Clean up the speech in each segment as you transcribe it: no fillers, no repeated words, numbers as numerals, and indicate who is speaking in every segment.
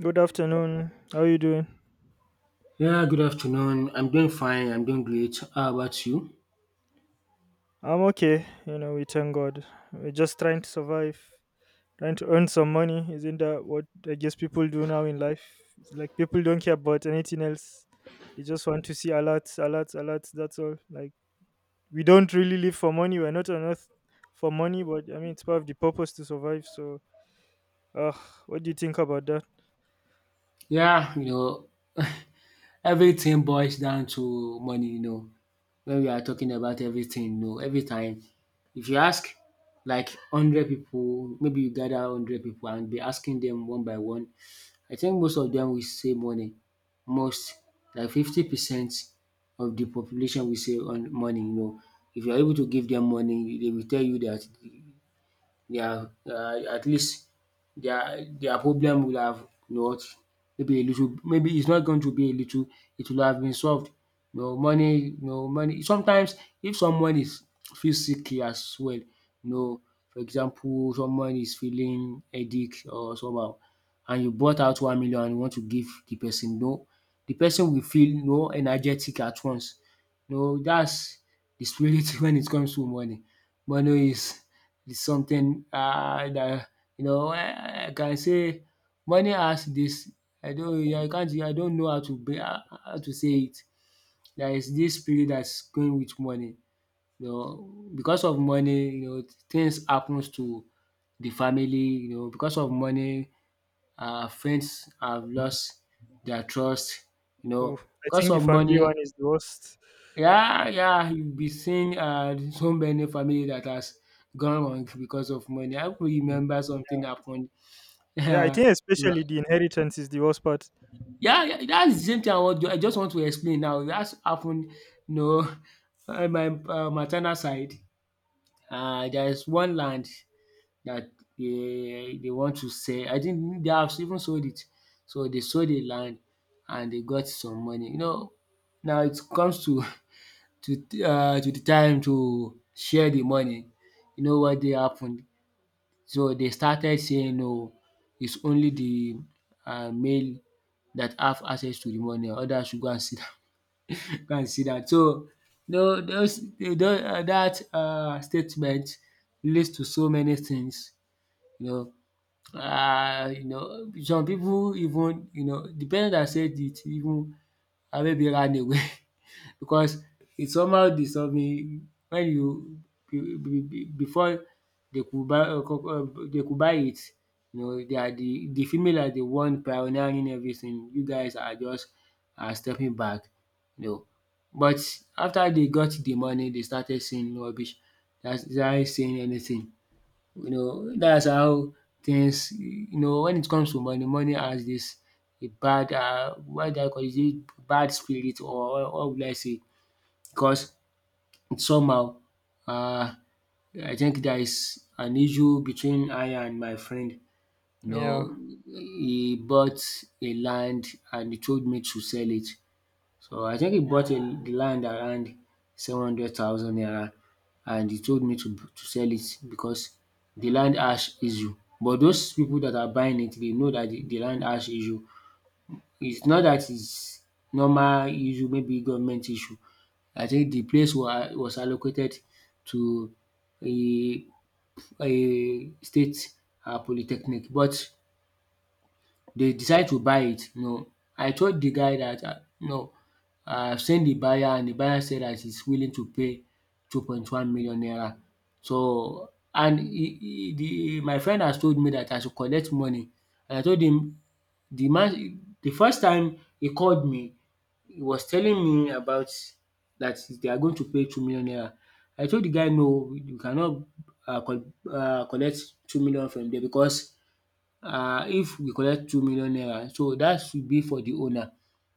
Speaker 1: Good afternoon. How are you doing?
Speaker 2: Yeah, good afternoon. I'm doing fine. I'm doing great. How about you?
Speaker 1: I'm okay. You know, we thank God. We're just trying to survive, trying to earn some money. Isn't that what I guess people do now in life? It's like people don't care about anything else. They just want to see alerts, alerts, alerts. That's all. Like we don't really live for money. We're not on earth for money, but I mean, it's part of the purpose to survive. So, uh, what do you think about that?
Speaker 2: Yeah, everything boils down to money. When we are talking about everything, every time, if you ask like 100 people, maybe you gather 100 people and be asking them one by one, I think most of them will say money. Most, like 50% of the population will say on money. If you're able to give them money, they will tell you that their at least their problem will have what, maybe a little, maybe it's not going to be a little, it will have been solved. You know money sometimes, if someone is feel sick as well, know for example, someone is feeling headache or somehow, and you bought out 1 million and you want to give the person, no, the person will feel, no, energetic at once. No, that's the spirit when it comes to money. Money is, it's something that you know I can say money has this. I don't know how to be how to say it. There is this spirit that's going with money. You know, because of money, you know, things happens to the family, you know, because of money, friends have lost their trust, you
Speaker 1: Oh,
Speaker 2: know,
Speaker 1: I
Speaker 2: because
Speaker 1: think the
Speaker 2: of
Speaker 1: family one
Speaker 2: money,
Speaker 1: is the worst.
Speaker 2: yeah, yeah, you'll be seeing so many family that has gone wrong because of money. I could remember something happened.
Speaker 1: Yeah, I
Speaker 2: yeah,
Speaker 1: think especially the inheritance is the worst part.
Speaker 2: yeah, that's the same thing I want I just want to explain now. That's happened. No, on my maternal side, there's one land that they want to sell. I think they have even sold it. So they sold the land and they got some money. You know, now it comes to to the time to share the money, you know what they happened. So they started saying no, it's only the male that have access to the money, others should go and see that." go and see that. So that statement leads to so many things, you know, you know, some people, even you know the person dat said it, even maybe ran away because it somehow dissolving when you before they could buy they could buy it. You know, they are the female are the one pioneering everything. You guys are just, are stepping back, you know. But after they got the money, they started saying rubbish. That's started saying anything, you know, that's how things, you know, when it comes to money, money has this, a bad, what do I call it, is it bad spirit or what would I say, because somehow um I think there is an issue between I and my friend. You
Speaker 1: Yeah.
Speaker 2: know, he bought a land and he told me to sell it. So I think he bought the land around 700,000 naira, and he told me to sell it, because the land has issue. But those people that are buying it, they know that the land has issue. It's not that it's normal issue, maybe government issue. I think the place wa was allocated to a state polytechnic, but they decide to buy it. You know, I told the guy that no, I've seen the buyer and the buyer said that he's willing to pay 2.1 million naira. So, and he the my friend has told me that I should collect money, and I told him. The man, the first time he called me, he was telling me about that they are going to pay 2 million naira. I told the guy no, you cannot um collect 2 million from there, because if we collect 2 million naira, so that should be for the owner.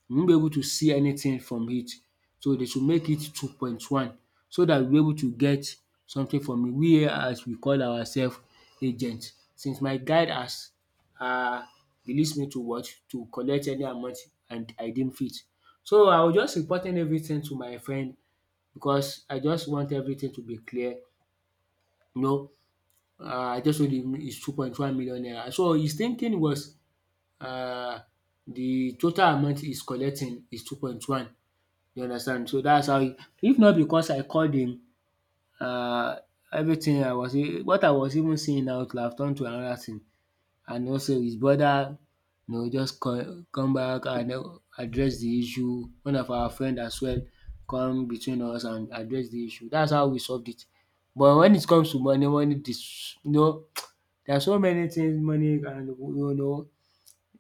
Speaker 2: We won't be able to see anything from it. So they should make it 2.1, so that we'll be able to get something from it. We here, as we call ourselves, agent. Since my guide has um released me to what? To collect any amount, and I didn't fit. So I was just reporting everything to my friend, because I just want everything to be clear. You know, I just told him it's 2.1 million naira. So his thinking was, uh, the total amount he's collecting is 2.1, you understand. So that's how it, if not because I called him. Uh, Everything I was what I was even seeing out, could have turned to another thing. And also his brother, you know, just come back and address the issue. One of our friend as well come between us and address the issue. That's how we solved it. But when it comes to money, this, you know, there are so many things money can, you know.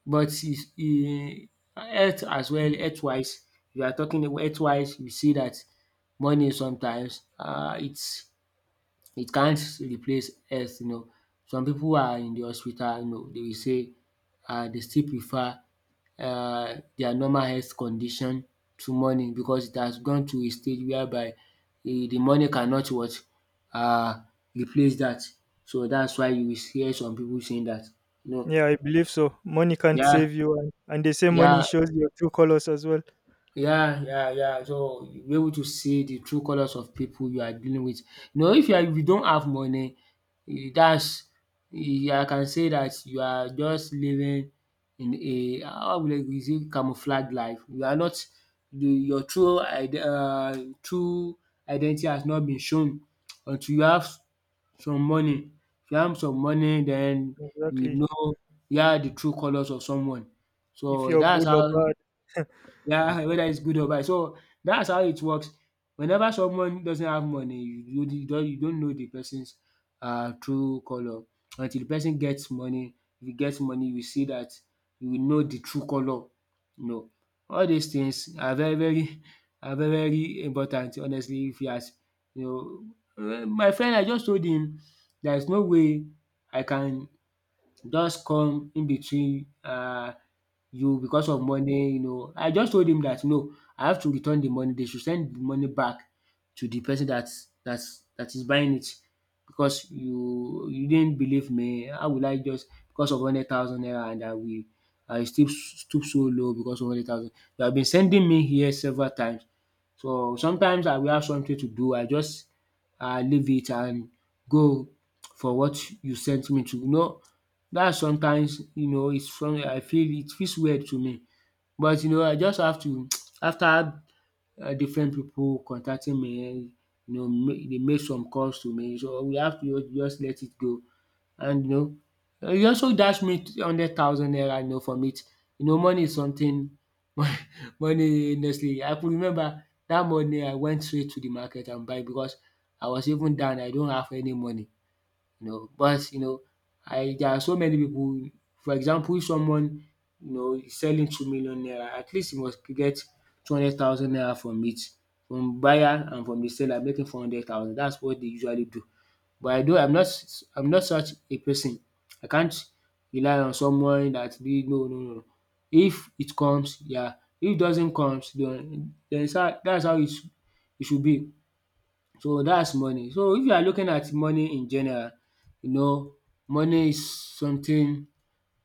Speaker 2: But is e, health as well, health wise, if you are talking about health wise, you see that money sometimes its, it can't replace health, you know. Some people who are in the hospital, you know, dey will say they still prefer their normal health condition to money, because it has gone to a stage whereby the money cannot what, um replace that. So that's why you will hear some people saying that, you know.
Speaker 1: Yeah, I believe so. Money can't
Speaker 2: Yeah,
Speaker 1: save you, and they say money
Speaker 2: yeah.
Speaker 1: shows your true colors as well.
Speaker 2: Yeah, yeah, yeah. So you'll be able to see the true colors of people you are dealing with. You know, if you are, if you don't have money, eh, that's, eh, I can say that you are just living in a, how will I, is it camouflage life. You are not the your true ide true identity has not been shown until you have some money. If you have some money, then you will
Speaker 1: Exactly.
Speaker 2: know, yeah, the true colors of someone.
Speaker 1: If
Speaker 2: So
Speaker 1: you're
Speaker 2: that's
Speaker 1: good or
Speaker 2: how,
Speaker 1: bad.
Speaker 2: yeah, whether it's good or bad. So that's how it works. Whenever someone doesn't have money, you don't know the person's true color until the person gets money. If you get money, you see that you will know the true color. You know, all these things are very very important. Honestly, if you ask, you know, eh, my friend, I just told him, there is no way I can just come in between, you, because of money, you know. I just told him that no, I have to return the money. They should send the money back to the person that that that is buying it, because you didn't believe me. How will I, just because of 100,000 naira, and I will, I still stoop so low because of 100,000. You have been sending me here several times. So sometimes I will have something to do. I just leave it and go for what you sent me to. You know that sometimes, you know, it's from. I feel, it feels weird to me, but you know, I just have to after different people contacting me, eh, you know, they make some calls to me, so we have to just let it go. And you know, e also dash me 100,000 naira, you know, from it. You know, money is something, money, honestly, I could remember that money. I went straight to the market and buy, because I was even down, I don't have any money, you know. But you know, I, there are so many people. For example, if someone, you know, is selling 2 million naira, at least he must get 200,000 naira from it, from buyer and from the seller, making 400,000. That's what they usually do. But I do, I'm not I'm not such a person. I can't rely on someone that be, no, no, no. If it comes, yeah, if it doesn't comes, den that's how it it should be. So that's money. So if you are looking at money in general, you know, money is something,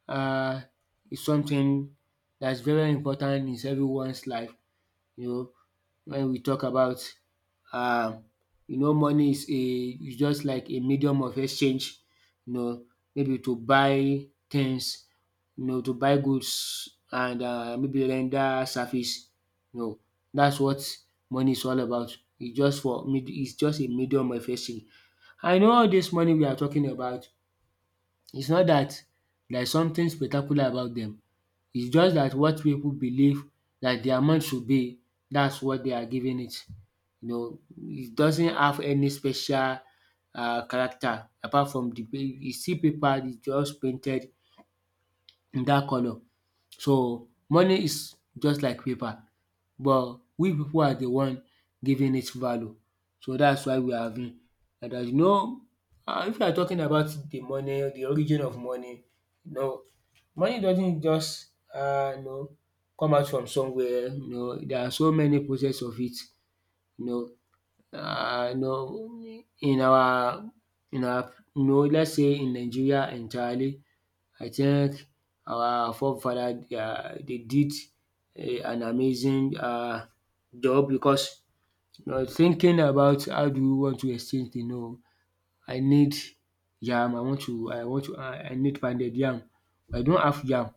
Speaker 2: um is something that's very important in everyone's life, you know, when we talk about, um you know, money is a, is just like a medium of exchange, you know, maybe to buy things, you know, to buy goods, and maybe render service. You know, that's what money is all about. It's just for, it's just a medium of exchange. I know all this money we are talking about, it's not that there's something spectacular about them. It's just that what people believe that the amount should be, that's what they are giving it. You know, it doesn't have any special character apart from the, you see, paper, is just painted in that colour. So money is just like paper, but we people are the one giving it value, so that's why we are having. And as you know, if you are talking about the money, the origin of money, you know money doesn't just um you know come out from somewhere. There are so many process of it. you know in our let's say, in Nigeria entirely, I think our forefather they did an amazing job, because thinking about how do you want to exchange thing. No, I need yam. I need pounded yam. I don't have yam,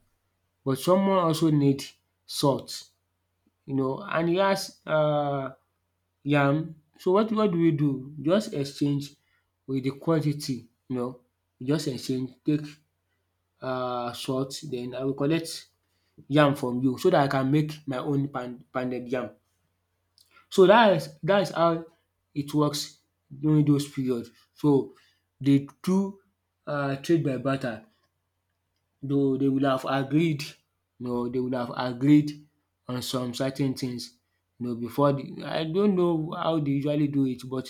Speaker 2: but someone also need salt, and he has yam. So what do we do? Just exchange with the quantity, just exchange. Take salt. Then I will collect yam from you so that I can make my own pounded yam. So dat is how it works during those period. So de two trade by barter, though they will have agreed, they will have agreed on some certain things, before the. I don't know how they usually do it, but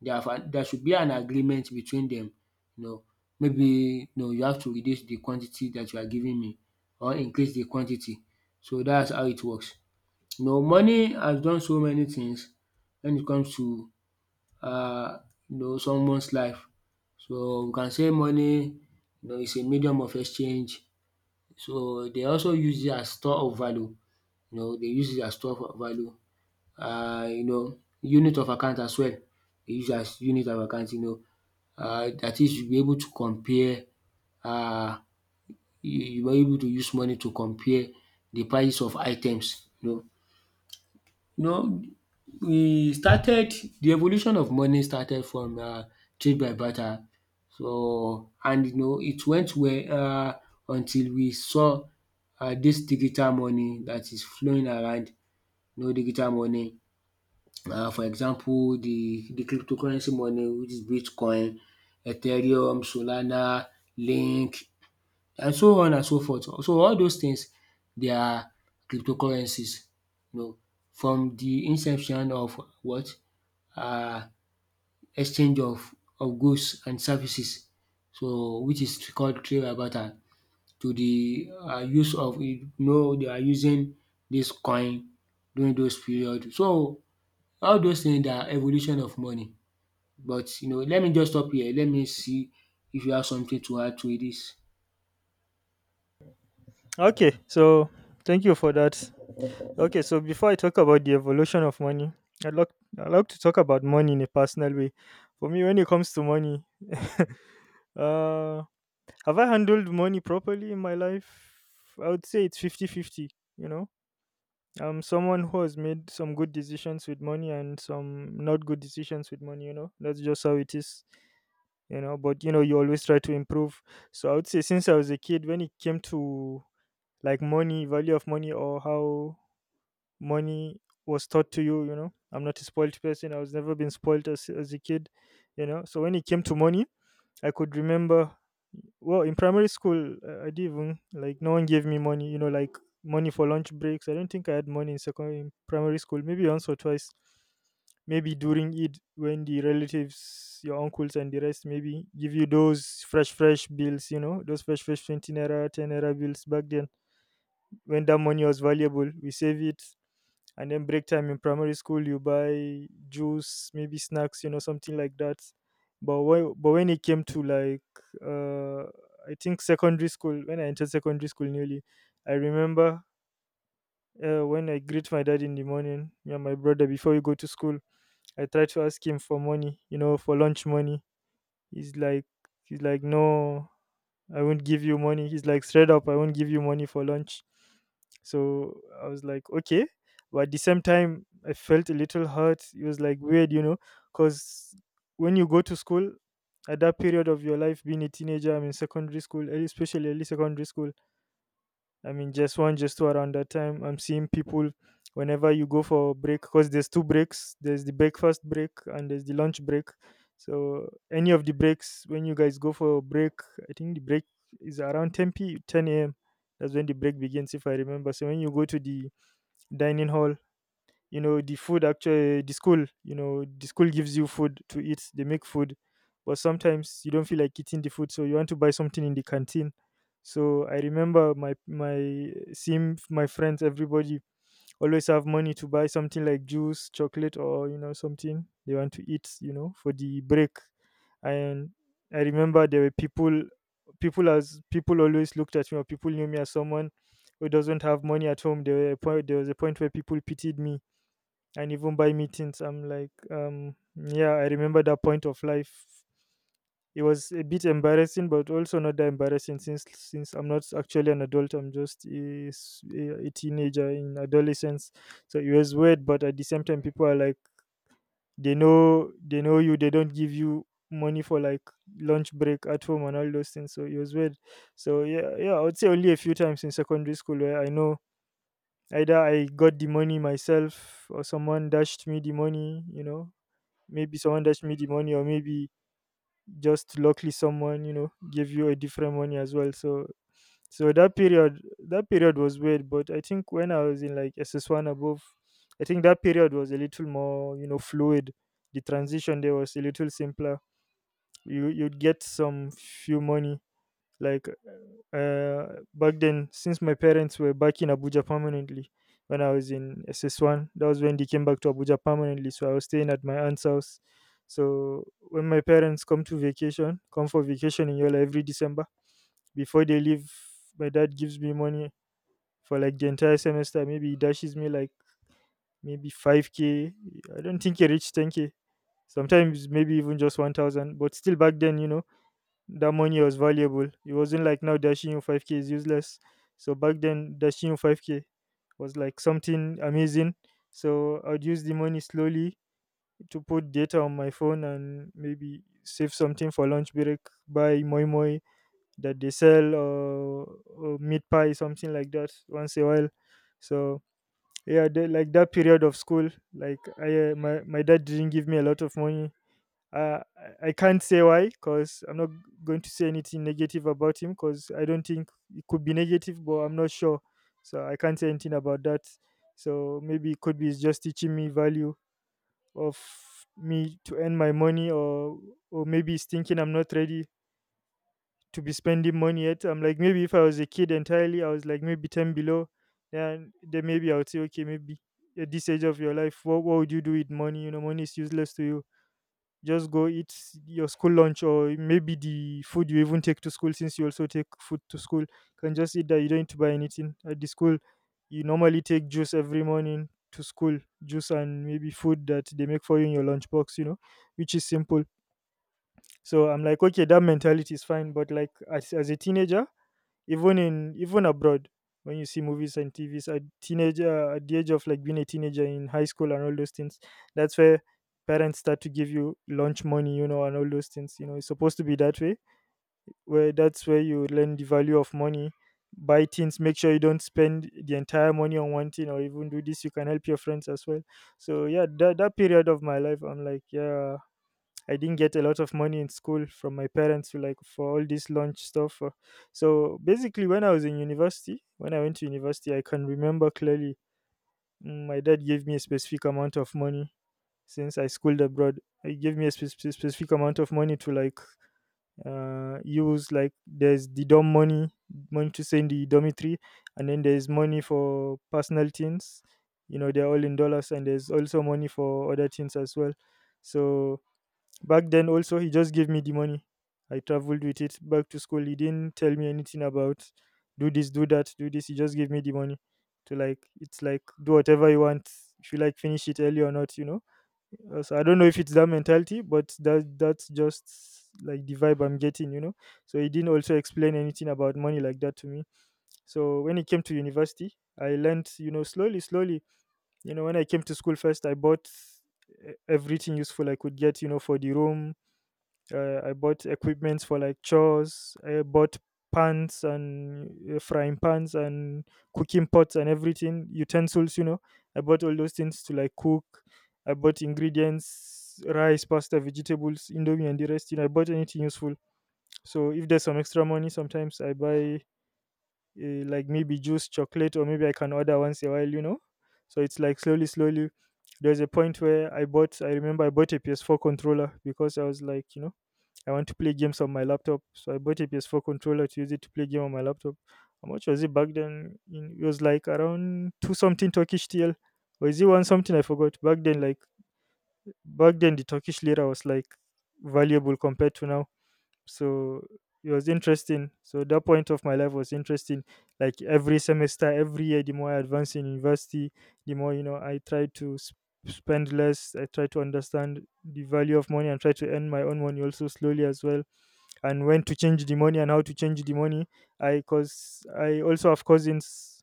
Speaker 2: they have a- there should be an agreement between them, you know maybe you have to reduce the quantity that you are giving me, or increase the quantity. So that's how it works. You know money has done so many things when it comes to uh someone's life. So we can say money, you know, is a medium of exchange. So they also use it as store of value, you know, they use it as store of value. You know, unit of account as well. They use it as unit of account, you know. That is, you'll be able to compare. Uh, you you were able to use money to compare the price of items, you know. You know, we started. The evolution of money started from trade by barter. So, and you know it went well until we saw dis digital money that is flowing around, you know, digital money. For example, the cryptocurrency money, which is bitcoin, ethereum, solana, link, and so on and so forth. So all those things, they are cryptocurrencies, you know, from the inception of what, uh, exchange of goods and services, so which is called trade barter, to the use of, you know, they are using this coin during those period. So all those things are evolution of money, but you know, let me just stop here. Let me see if you have something to add to this.
Speaker 1: Okay, so thank you for that. Okay, so before I talk about the evolution of money, I'd like I'd like to talk about money in a personal way. For me, when it comes to money, uh have I handled money properly in my life? I would say it's fifty-fifty. You know, I'm someone who has made some good decisions with money and some not good decisions with money. You know, that's just how it is. You know, but you know, you always try to improve. So I would say since I was a kid, when it came to like money, value of money, or how money was taught to you, you know, I'm not a spoiled person. I was never been spoiled as a kid, you know. So when it came to money, I could remember, well, in primary school, I didn't even, like, no one gave me money, you know, like money for lunch breaks. I don't think I had money in primary school, maybe once or twice. Maybe during Eid, when the relatives, your uncles and the rest, maybe give you those fresh, fresh bills, you know, those fresh, fresh 20 naira, 10 naira bills back then. When that money was valuable, we save it, and then break time in primary school you buy juice, maybe snacks, you know, something like that. But when it came to like uh, I think secondary school, when I entered secondary school newly, I remember, when I greet my dad in the morning, me and my brother before we go to school, I try to ask him for money, you know, for lunch money. He's like he's like no, I won't give you money. He's like, straight up, I won't give you money for lunch. So I was like, okay. But at the same time, I felt a little hurt. It was like weird, you know, because when you go to school, at that period of your life, being a teenager, I'm in secondary school, especially early secondary school, I mean, just one, just two around that time. I'm seeing people whenever you go for a break, because there's two breaks. There's the breakfast break and there's the lunch break. So any of the breaks when you guys go for a break, I think the break is around 10 a.m. That's when the break begins, if I remember. So when you go to the dining hall, you know, the food, actually the school, you know, the school gives you food to eat, they make food, but sometimes you don't feel like eating the food, so you want to buy something in the canteen. So I remember my friends, everybody always have money to buy something like juice, chocolate, or, you know, something they want to eat, you know, for the break. And I remember there were people, people as people always looked at me, or people knew me as someone who doesn't have money at home. There was a point where people pitied me, and even by meetings I'm like, yeah, I remember that point of life. It was a bit embarrassing, but also not that embarrassing, since I'm not actually an adult, I'm just a teenager in adolescence. So it was weird, but at the same time, people are like, they know you, they don't give you money for like lunch break at home and all those things, so it was weird. So yeah, yeah, I would say only a few times in secondary school where I know either I got the money myself or someone dashed me the money, you know, maybe someone dashed me the money, or maybe just luckily someone, you know, gave you a different money as well. So that period was weird, but I think when I was in like SS1 above, I think that period was a little more, you know, fluid. The transition there was a little simpler. You'd get some few money, like, uh, back then, since my parents were back in Abuja permanently. When I was in SS1, that was when they came back to Abuja permanently, so I was staying at my aunt's house. So when my parents come for vacation in Yola every December, before they leave, my dad gives me money for like the entire semester. Maybe he dashes me, like, maybe 5K, I don't think he reached 10K, sometimes maybe even just 1,000. But still back then, you know, that money was valuable. It wasn't like now, dashing you 5K is useless. So back then, dashing you 5K was like something amazing. So I'd use the money slowly to put data on my phone and maybe save something for lunch break, buy moi moi that they sell, or meat pie, something like that once a while. So yeah, like that period of school, like my dad didn't give me a lot of money. I can't say why, because I'm not going to say anything negative about him, because I don't think it could be negative, but I'm not sure. So I can't say anything about that. So maybe it could be he's just teaching me value of me to earn my money, or maybe he's thinking I'm not ready to be spending money yet. I'm like, maybe if I was a kid entirely, I was like maybe 10 below, then maybe I would say, okay, maybe at this age of your life, what would you do with money? You know, money is useless to you, just go eat your school lunch, or maybe the food you even take to school, since you also take food to school, can just eat that, you don't need to buy anything at the school. You normally take juice every morning to school, juice and maybe food that they make for you in your lunchbox, you know, which is simple. So I'm like, okay, that mentality is fine, but like as a teenager, even abroad, when you see movies and tvs at teenager at the age of like being a teenager in high school and all those things, that's where parents start to give you lunch money, you know, and all those things, you know, it's supposed to be that way, where that's where you learn the value of money, buy things, make sure you don't spend the entire money on one thing, or even do this, you can help your friends as well. So yeah, that period of my life, I'm like, yeah, I didn't get a lot of money in school from my parents to like for all this lunch stuff. So basically, when I was in university, when I went to university, I can remember clearly, my dad gave me a specific amount of money, since I schooled abroad. He gave me a specific amount of money to like use. Like there's the dorm money, money to send the dormitory, and then there's money for personal things. You know, they're all in dollars, and there's also money for other things as well. So back then also, he just gave me the money. I traveled with it back to school. He didn't tell me anything about do this, do that, do this. He just gave me the money to like it's like do whatever you want. If you like finish it early or not, you know. So I don't know if it's that mentality, but that's just like the vibe I'm getting, you know. So he didn't also explain anything about money like that to me. So when it came to university, I learned, you know, slowly, slowly. You know, when I came to school first, I bought everything useful I could get, you know, for the room. I bought equipments for like chores. I bought pans and frying pans and cooking pots and everything utensils, you know. I bought all those things to like cook. I bought ingredients, rice, pasta, vegetables, indomie, and the rest, you know. I bought anything useful. So if there's some extra money, sometimes I buy like maybe juice, chocolate, or maybe I can order once a while, you know. So it's like slowly, slowly. There's a point where I remember I bought a PS4 controller because I was like, you know, I want to play games on my laptop, so I bought a PS4 controller to use it to play game on my laptop. How much was it back then? It was like around two something Turkish TL, or is it one something? I forgot. Back then, the Turkish lira was like valuable compared to now. So it was interesting. So that point of my life was interesting. Like every semester, every year, the more I advanced in university, the more, you know, I tried to spend less. I tried to understand the value of money and try to earn my own money also slowly as well, and when to change the money and how to change the money. I Cause I also have cousins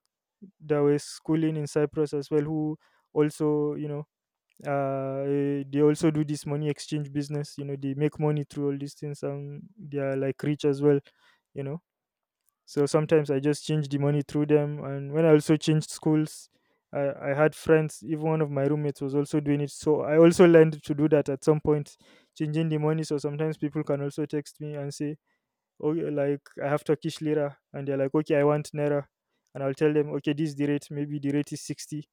Speaker 1: that were schooling in Cyprus as well, who also they also do this money exchange business, you know. They make money through all these things, and they are like rich as well, you know. So sometimes I just change the money through them. And when I also changed schools, I had friends. Even one of my roommates was also doing it, so I also learned to do that at some point, changing the money. So sometimes people can also text me and say, okay, like, I have Turkish lira, and they're like, okay, I want naira, and I'll tell them, okay, this is the rate. Maybe the rate is 60,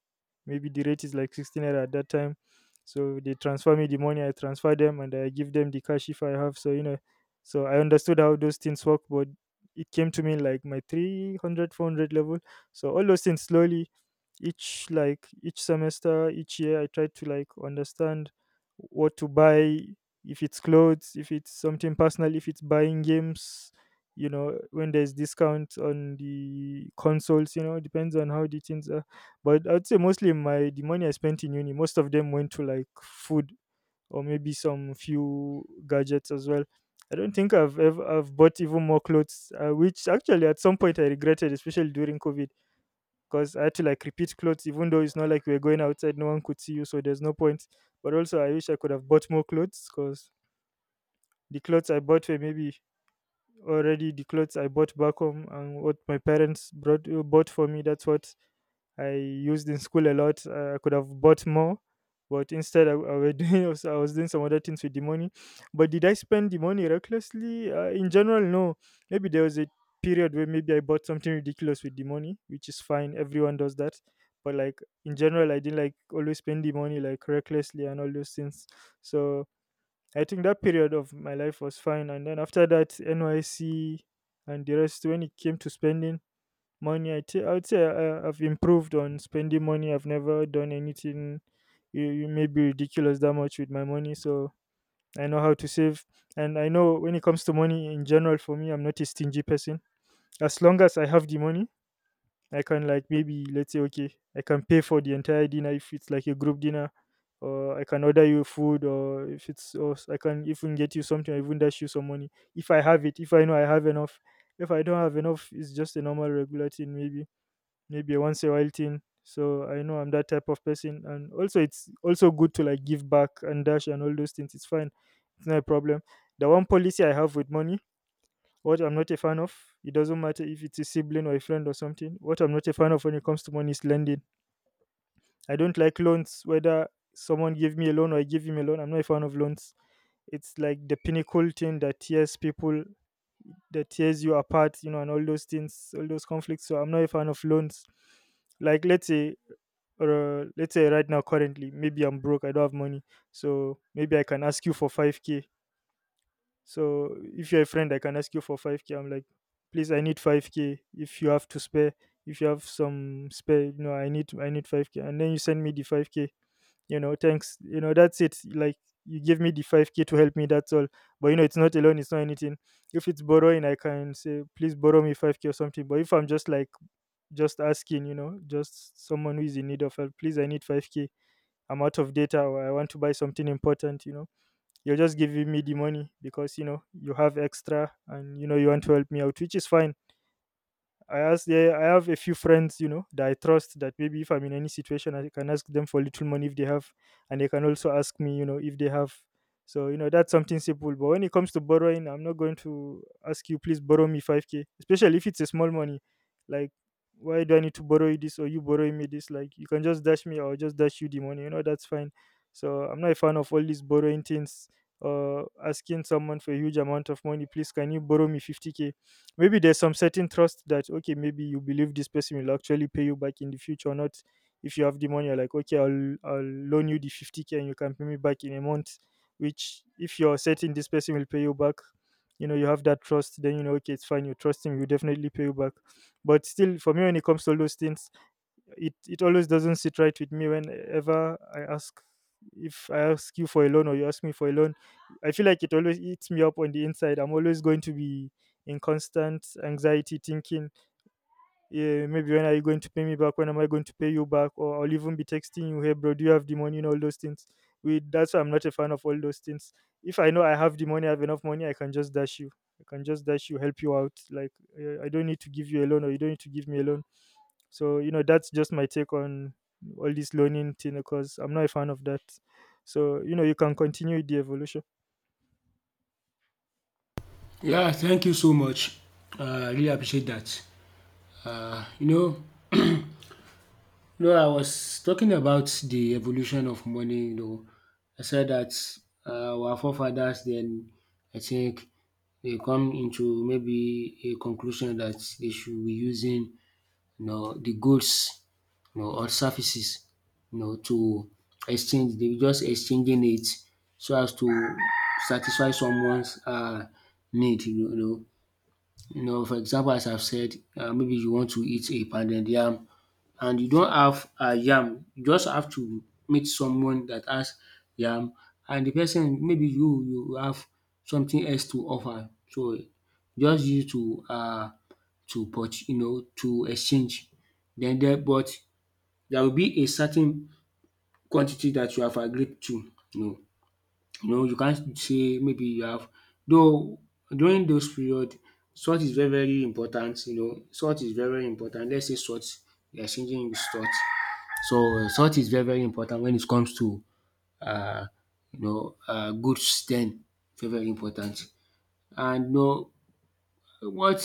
Speaker 1: maybe the rate is like 60 naira at that time. So they transfer me the money, I transfer them, and I give them the cash if I have. So, you know, so I understood how those things work, but it came to me like my 300, 400 level. So all those things slowly, each semester, each year, I tried to like understand what to buy. If it's clothes, if it's something personal, if it's buying games, you know, when there's discount on the consoles, you know, it depends on how the things are. But I'd say mostly my the money I spent in uni, most of them went to like food or maybe some few gadgets as well. I don't think I've bought even more clothes, which actually at some point I regretted, especially during COVID, because I had to like repeat clothes, even though it's not like we are going outside, no one could see you, so there's no point. But also, I wish I could have bought more clothes, because the clothes I bought were maybe already the clothes I bought back home and what my parents brought bought for me. That's what I used in school a lot. I could have bought more, but instead I was doing some other things with the money. But did I spend the money recklessly? In general, no. Maybe there was a period where maybe I bought something ridiculous with the money, which is fine. Everyone does that. But like in general, I didn't like always spend the money like recklessly and all those things. So I think that period of my life was fine. And then after that, NYC and the rest, when it came to spending money, I would say I've improved on spending money. I've never done anything you may be ridiculous that much with my money. So I know how to save. And I know when it comes to money in general, for me, I'm not a stingy person. As long as I have the money, I can like maybe let's say, okay, I can pay for the entire dinner if it's like a group dinner, or I can order you food, or if it's or s- I can even get you something, or even dash you some money if I have it, if I know I have enough. If I don't have enough, it's just a normal regular thing, maybe a once a while thing. So I know I'm that type of person, and also it's also good to like give back and dash and all those things. It's fine, it's not a problem. The one policy I have with money, what I'm not a fan of, it doesn't matter if it's a sibling or a friend or something. What I'm not a fan of when it comes to money is lending. I don't like loans, whether someone give me a loan or I give him a loan. I'm not a fan of loans. It's like the pinnacle thing that tears people, that tears you apart, you know, and all those things, all those conflicts. So I'm not a fan of loans. Like let's say right now, currently, maybe I'm broke. I don't have money, so maybe I can ask you for 5K. So if you're a friend, I can ask you for 5K. I'm like, please, I need 5K. If you have to spare, if you have some spare, you know, I need 5K. And then you send me the 5K. You know, thanks. You know, that's it. Like you give me the 5K to help me. That's all. But you know, it's not a loan. It's not anything. If it's borrowing, I can say, please borrow me 5K or something. But if I'm just asking, you know, just someone who is in need of help, please, I need 5K. I'm out of data, or I want to buy something important. You know, you're just giving me the money because you know you have extra and you know you want to help me out, which is fine. I ask Yeah, I have a few friends, you know, that I trust that maybe if I'm in any situation I can ask them for little money if they have, and they can also ask me, you know, if they have. So, you know, that's something simple. But when it comes to borrowing, I'm not going to ask you, please borrow me 5K, especially if it's a small money. Like, why do I need to borrow you this or you borrowing me this? Like, you can just dash me or just dash you the money, you know, that's fine. So I'm not a fan of all these borrowing things. Asking someone for a huge amount of money, please can you borrow me 50K? Maybe there's some certain trust that, okay, maybe you believe this person will actually pay you back in the future. Not, if you have the money, you're like, okay, I'll loan you the 50K and you can pay me back in a month. Which, if you're certain this person will pay you back, you know, you have that trust, then you know, okay, it's fine, you trust him, he will definitely pay you back. But still, for me, when it comes to all those things, it always doesn't sit right with me whenever I ask, if I ask you for a loan or you ask me for a loan. I feel like it always eats me up on the inside. I'm always going to be in constant anxiety thinking, yeah, maybe when are you going to pay me back? When am I going to pay you back? Or I'll even be texting you, hey bro, do you have the money, and all those things. We That's why I'm not a fan of all those things. If I know I have the money, I have enough money, I can just dash you. I can just dash you, help you out. Like, I don't need to give you a loan, or you don't need to give me a loan. So, you know, that's just my take on all this learning thing, because I'm not a fan of that. So, you know, you can continue the evolution.
Speaker 2: Yeah, thank you so much. I really appreciate that. You know, I was talking about the evolution of money. You know, I said that our forefathers then, I think, they come into maybe a conclusion that they should be using, you know, the goods, you know, or services, you know, to exchange. They were just exchanging it so as to satisfy someone's need. You know, you know, for example, as I've said, maybe you want to eat a pounded yam and you don't have a yam. You just have to meet someone that has yam, and the person, maybe you have something else to offer. So just you to you know, to exchange. Then there, but there will be a certain quantity that you have agreed to. You know. You know, you can't say maybe you have, though during those period salt is very very important, you know, salt is very very important. Let's say salt, you are changing with salt. So salt is very very important when it comes to uh, goods then, very very important. And you know what,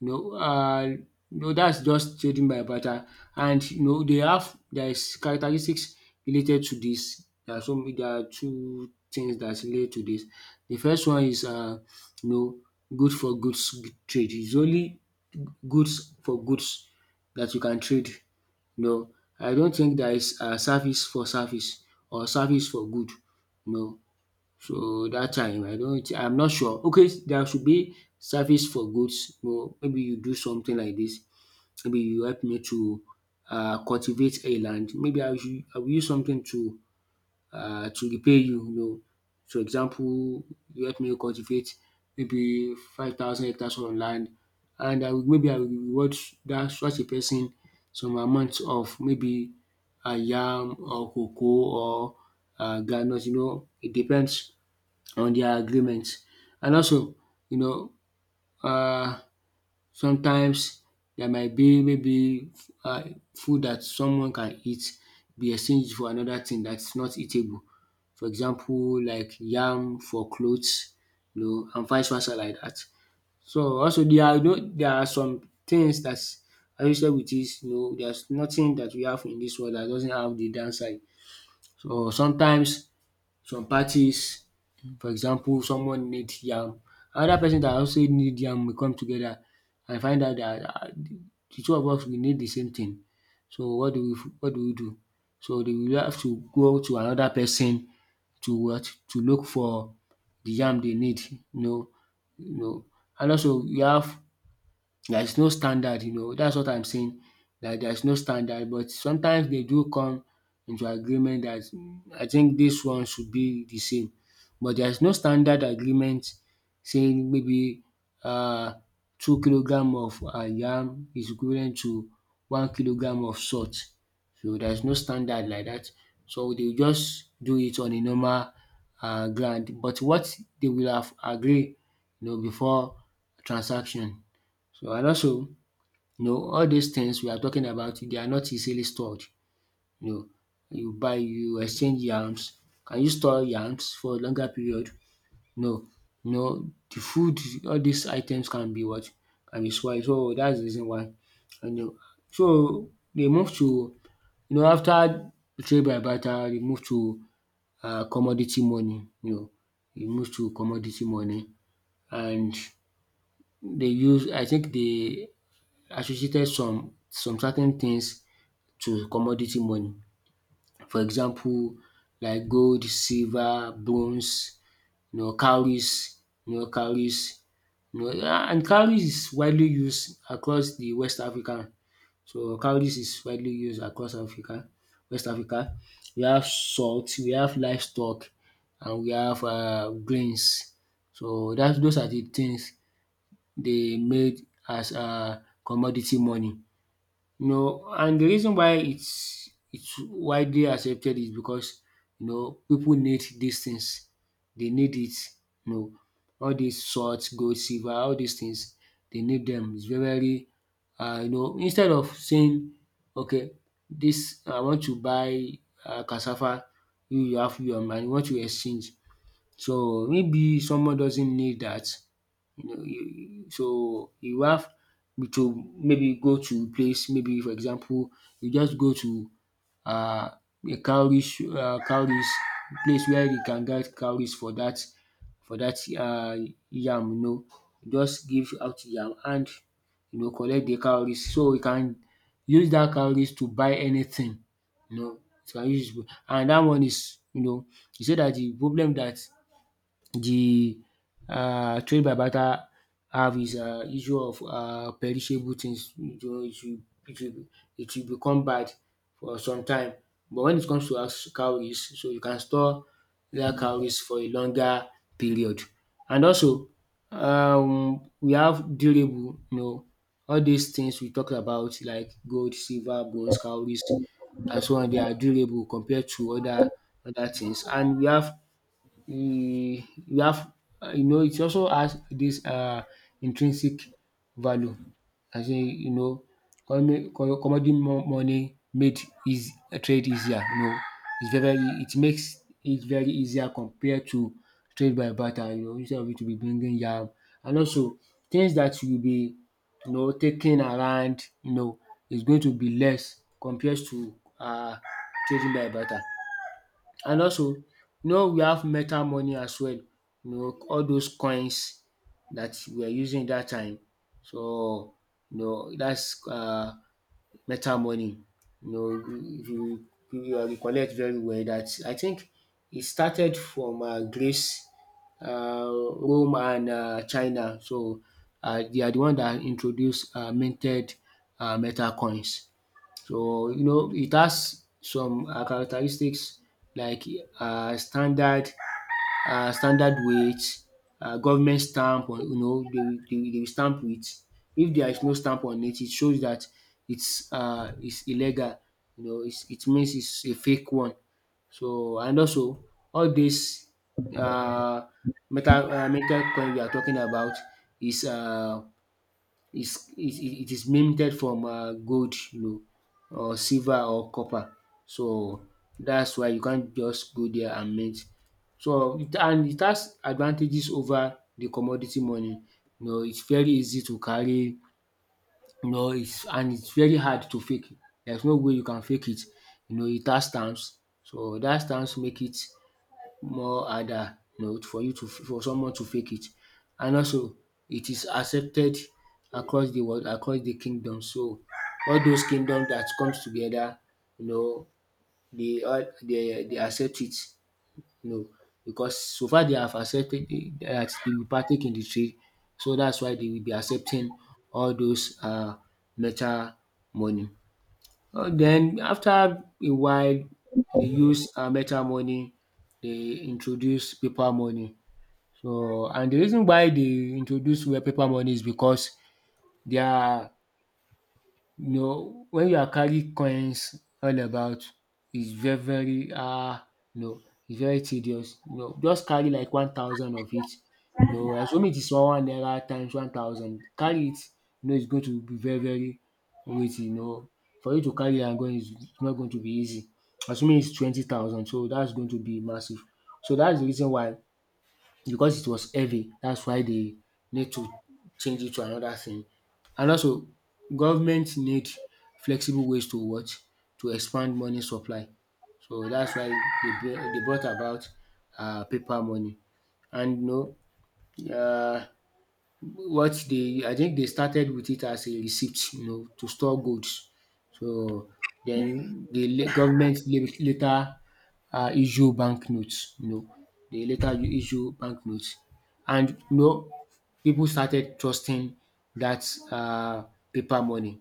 Speaker 2: you know um you. That's just trading by barter. And you know they have, there is characteristics related to this. There are some, there are two things that's relate to this. The first one is you know, good for goods trade. It's only goods for goods that you can trade. No, I don't think there is service for service, or service for good. No, so that time I don't, I'm not sure. Okay, there should be service for goods. Well, maybe you do something like this. Maybe you help me to cultivate a land. Maybe I should, I will use something to repay you, you know. For example, you help me cultivate maybe 5,000 hectares of land, and I will, maybe I will reward that such a person some amount of maybe yam, or cocoa, or groundnut, you know, it depends on their agreements. And also, you know um sometimes there might be maybe food that someone can eat be exchanged for another thing that's not eatable. For example, like yam for clothes, you know, and vice versa like that. So also there are, you know, there are some things dat associated with this. You know, there's nothing that we have in this world that doesn't have the downside. So sometimes, some parties, for example, someone need yam, another person that also need yam will come together and find out that the two of us, we need the same thing, so what do we do? So they will have to go to another person to what? To look for the yam they need, you know. You know, and also we have. There is no standard, you know, that's what I'm saying, that there is no standard. But sometimes they do come into agreement dat, I think this one should be the same, but there is no standard agreement saying maybe uh 2 kilogram of yam is equivalent to 1 kilogram of salt. So there is no standard like that. So they just do it on a normal ground, but what, they will have agree, you know, before transaction. So and also, you know, all these things we are talking about, they are not easily stored. You know, you buy, you exchange yams. Can you store yams for a longer period? No, no. The food, all these items can be what? Can be spoiled. So that's the reason why, and you. So they move to, you know, after trade by barter, they move to commodity money, you know, they move to commodity money. And they use, I think they associated some certain things to commodity money. For example, like gold, silver, bronze, you know, cowries, you know, cowries, you know, yeah, and cowries is widely used across the West Africa. So cowries is widely used across Africa, West Africa. We have salt, we have livestock, and we have grains. So that those are the things they made as commodity money. No, and the reason why it's widely accepted is because, you know, people need these things. They need it. You know, all these salt, gold, silver, all these things, they need them. It's very very, you know, instead of saying, okay, this I want to buy cassava, you have your mind, you want to exchange. So maybe someone doesn't need that, you know, you so you have to maybe go to place, maybe for example, you just go to um a cowries, place where you can get cowries for that, for that, yam, you know. Just give out yam, and you know, collect the cowries. So you can use that cowries to buy anything, you know. You can use it. And that one is, you know, you say that the problem that, the trade by barter have is issue of perishable things. It will, it will it will become bad for some time. But when it comes to as cowries, so you can store their cowries for a longer period. And also we have durable, you know, all these things we talked about, like gold, silver, bronze, cowries, and so on, they are durable compared to other things. And we have, e, you have you know, it also has this intrinsic value, as in, you know, commodity mo- money made is trade easier, you know, it's very very, it makes it very easier compared to trade by barter, you know, instead of you to be bringing yam, and also things that you will be, you know, taking around, you know, is going to be less compared to uh trading by barter. And also, you know, we have metal money as well, you know, all those coins that we are using that time. So, you know, dats metal money. You know if you recollect very well, That I think it started from Greece, Rome, and China. So they are the one that introduced minted metal coins. So, you know, it has some characteristics like um standard standard weight, government stamp on, you know, they will stamp it. If there is no stamp on it, it shows that it's illegal, you know, it means it's a fake one. So and also all this um metal coin we are talking about is um is it it it is minted from gold, you know, or silver or copper. So that's why you can't just go there and mint. So and it has advantages over the commodity money. You know, it's very easy to carry, you know, it's and it's very hard to fake. There's no way you can fake it. You know, it has stamps, so dat stamps make it more harder, you know, for you to for someone to fake it. And also, it is accepted across the world, across the kingdom. So all those kingdoms that comes together, you know, they all they accept it, you know, because so far they have accepted it, that they will partake in the trade. So that's why they will be accepting all those metal money. Then after a while, they use metal money. They introduce paper money. So and the reason why they introduce where paper money is because their, you know, when you are carrying coins all about, it's very, very you know, it's very tedious. You know, just carry like 1,000 of it. You know, assume it is one naira times 1,000, carry it, you know, it's going to be very, very weighty. You know, for you to carry and going, is it's not going to be easy. Assuming it's 20,000, so that's going to be massive. So that's the reason why, because it was heavy, that's why they need to change it to another thing. And also, government need flexible ways to what? To expand money supply. So that's why they they brought about paper money. And you know, what they I think they started with it as a receipt, you know, to store goods. So then the government later issue banknotes, you know, they later issue banknotes, and you know, people started trusting that paper money.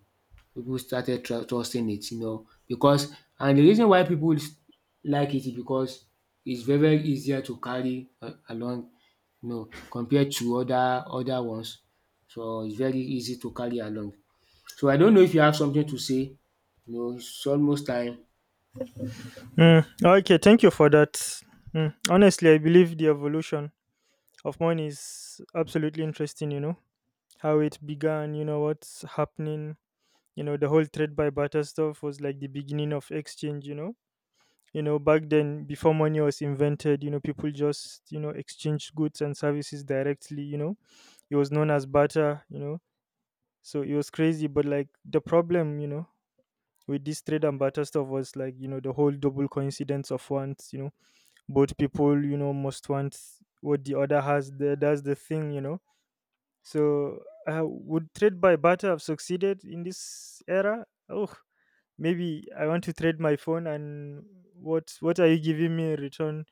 Speaker 2: People started trusting it, you know, because and the reason why people like it is because it's very very easier to carry along, you know, compared to other ones. So it's very easy to carry along. So I don't know if you have something to say. You know, it's almost time.
Speaker 1: Mm, okay, thank you for that. Honestly, I believe the evolution of money is absolutely interesting, you know, how it began, you know, what's happening. You know, the whole trade by barter stuff was like the beginning of exchange, you know. You know, back then, before money was invented, you know, people just, you know, exchanged goods and services directly, you know. It was known as barter, you know. So it was crazy. But like, the problem, you know, with this trade and barter stuff was like, you know, the whole double coincidence of wants, you know, both people, you know, must want what the other has. That's the thing. So would trade by barter have succeeded in this era? Oh, maybe I want to trade my phone and what are you giving me in return?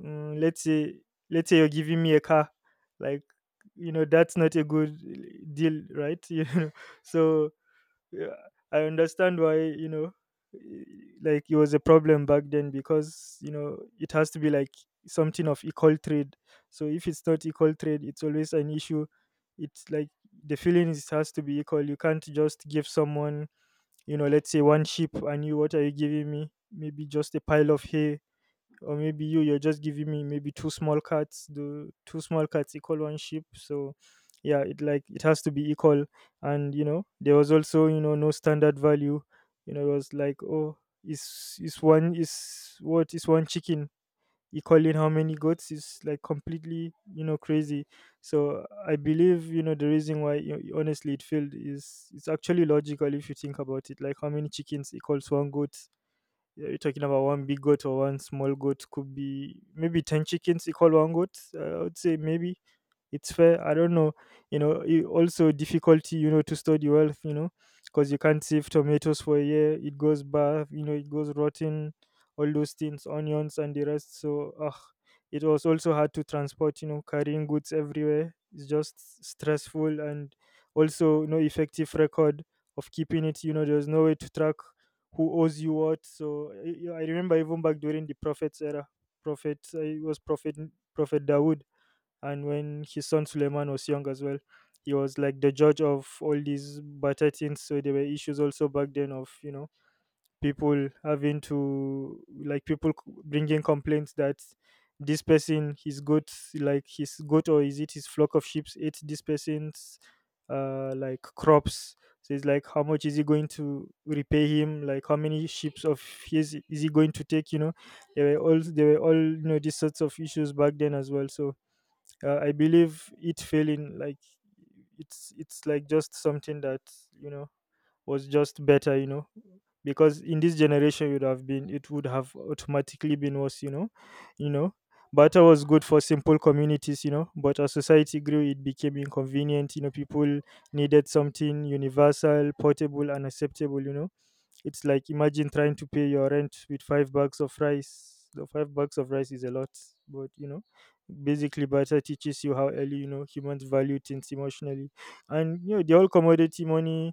Speaker 1: Mm, let's say let's say you're giving me a car, like that's not a good deal, right? So yeah, I understand why, i- like it was a problem back then because it has to be like something of equal trade. So if it's not equal trade, it's always an issue. It's like the feeling is has to be equal. You can't just give someone, let's say one sheep, and you what are you giving me? Maybe just a pile of hay, or maybe you're just giving me maybe two small cats. The two small cats equal one sheep, so yeah, it, like, it has to be equal. And there was also, no standard value. It was like, oh, is one, is what is one chicken equaling how many goats? Is, like, completely, crazy. So I believe, the reason why, you honestly, it failed is it's actually logical if you think about it, like how many chickens equals one goat. Yeah, you're talking about one big goat or one small goat. Could be maybe 10 chickens equal one goat. I would say maybe it's fair. I don't know. You also difficulty, to store the wealth, you know Because you can't save tomatoes for a year, it goes bad, it goes rotten, all those things, onions and the rest. So it was also hard to transport. Carrying goods everywhere, it's just stressful. And also no effective record of keeping it. There's no way to track who owes you what. So I remember even back during the prophet's era, prophet it was Prophet Dawood. And when his son Suleiman was young as well, he was like the judge of all these batatins. So there were issues also back then of, people having to, like, bringing complaints that this person, his goat, like his goat, or is it his flock of sheep, ate this person's like crops. So it's like, how much is he going to repay him? Like, how many sheep of his is he going to take, There were all, these sorts of issues back then as well. So I believe it failing, like it's like just something that, you know was just better, you know Because in this generation would have been, it would have automatically been worse, you know Butter was good for simple communities, but as society grew, it became inconvenient. People needed something universal, portable, and acceptable, you know It's like, imagine trying to pay your rent with five bags of rice. The five bags of rice is a lot, but, basically, barter teaches you how early, humans value things emotionally, and the whole commodity money,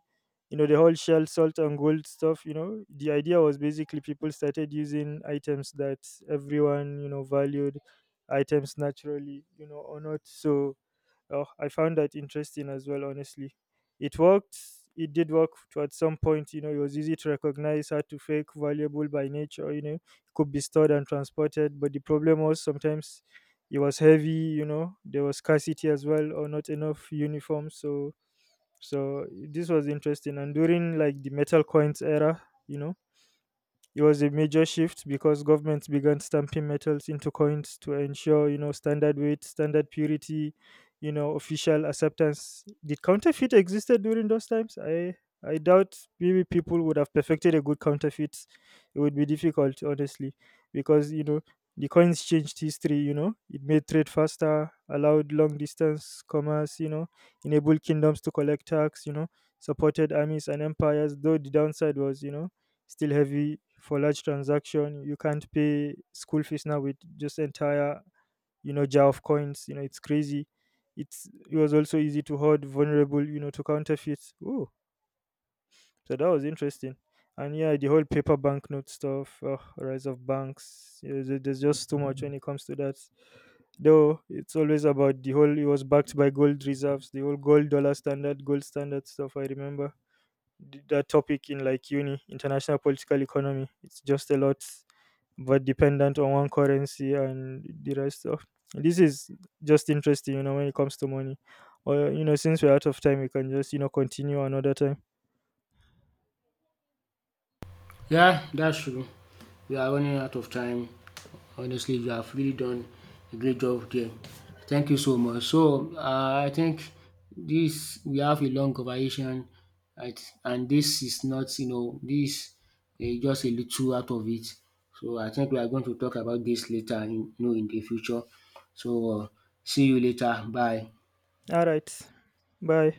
Speaker 1: the whole shell, salt, and gold stuff. You know, the idea was basically people started using items that everyone, valued, items naturally, or not. So, oh, I found that interesting as well, honestly. It worked. It did work to at some point. You know, it was easy to recognize, hard to fake, valuable by nature. You know, it could be stored and transported. But the problem was sometimes it was heavy. You know, there was scarcity as well, or not enough uniforms. So, this was interesting. And during, like, the metal coins era, you know it was a major shift because governments began stamping metals into coins to ensure, standard weight, standard purity, official acceptance. Did counterfeit existed during those times? I doubt maybe people would have perfected a good counterfeit. It would be difficult, honestly, because the coins changed history. You know, it made trade faster, allowed long distance commerce. You know, enabled kingdoms to collect tax. You know, supported armies and empires. Though the downside was, still heavy for large transaction. You can't pay school fees now with just entire, jar of coins. It's crazy. It was also easy to hoard, vulnerable, to counterfeits. Oh, so that was interesting. And yeah, the whole paper banknote stuff, rise of banks. Yeah, there's just too much when it comes to that. Though it's always about the whole. It was backed by gold reserves, the whole gold dollar standard, gold standard stuff. I remember that topic in, like, uni, international political economy. It's just a lot, but dependent on one currency and the rest of, this is just interesting, when it comes to money. Or, since we're out of time, we can just, continue another time.
Speaker 2: Yeah, that's true. We are running out of time. Honestly, you have really done a great job there. Thank you so much. So, I think this, we have a long conversation, right? And this is not, you know, this is just a little out of it. So, I think we are going to talk about this later, you know, in the future. So, see you later. Bye.
Speaker 1: All right. Bye.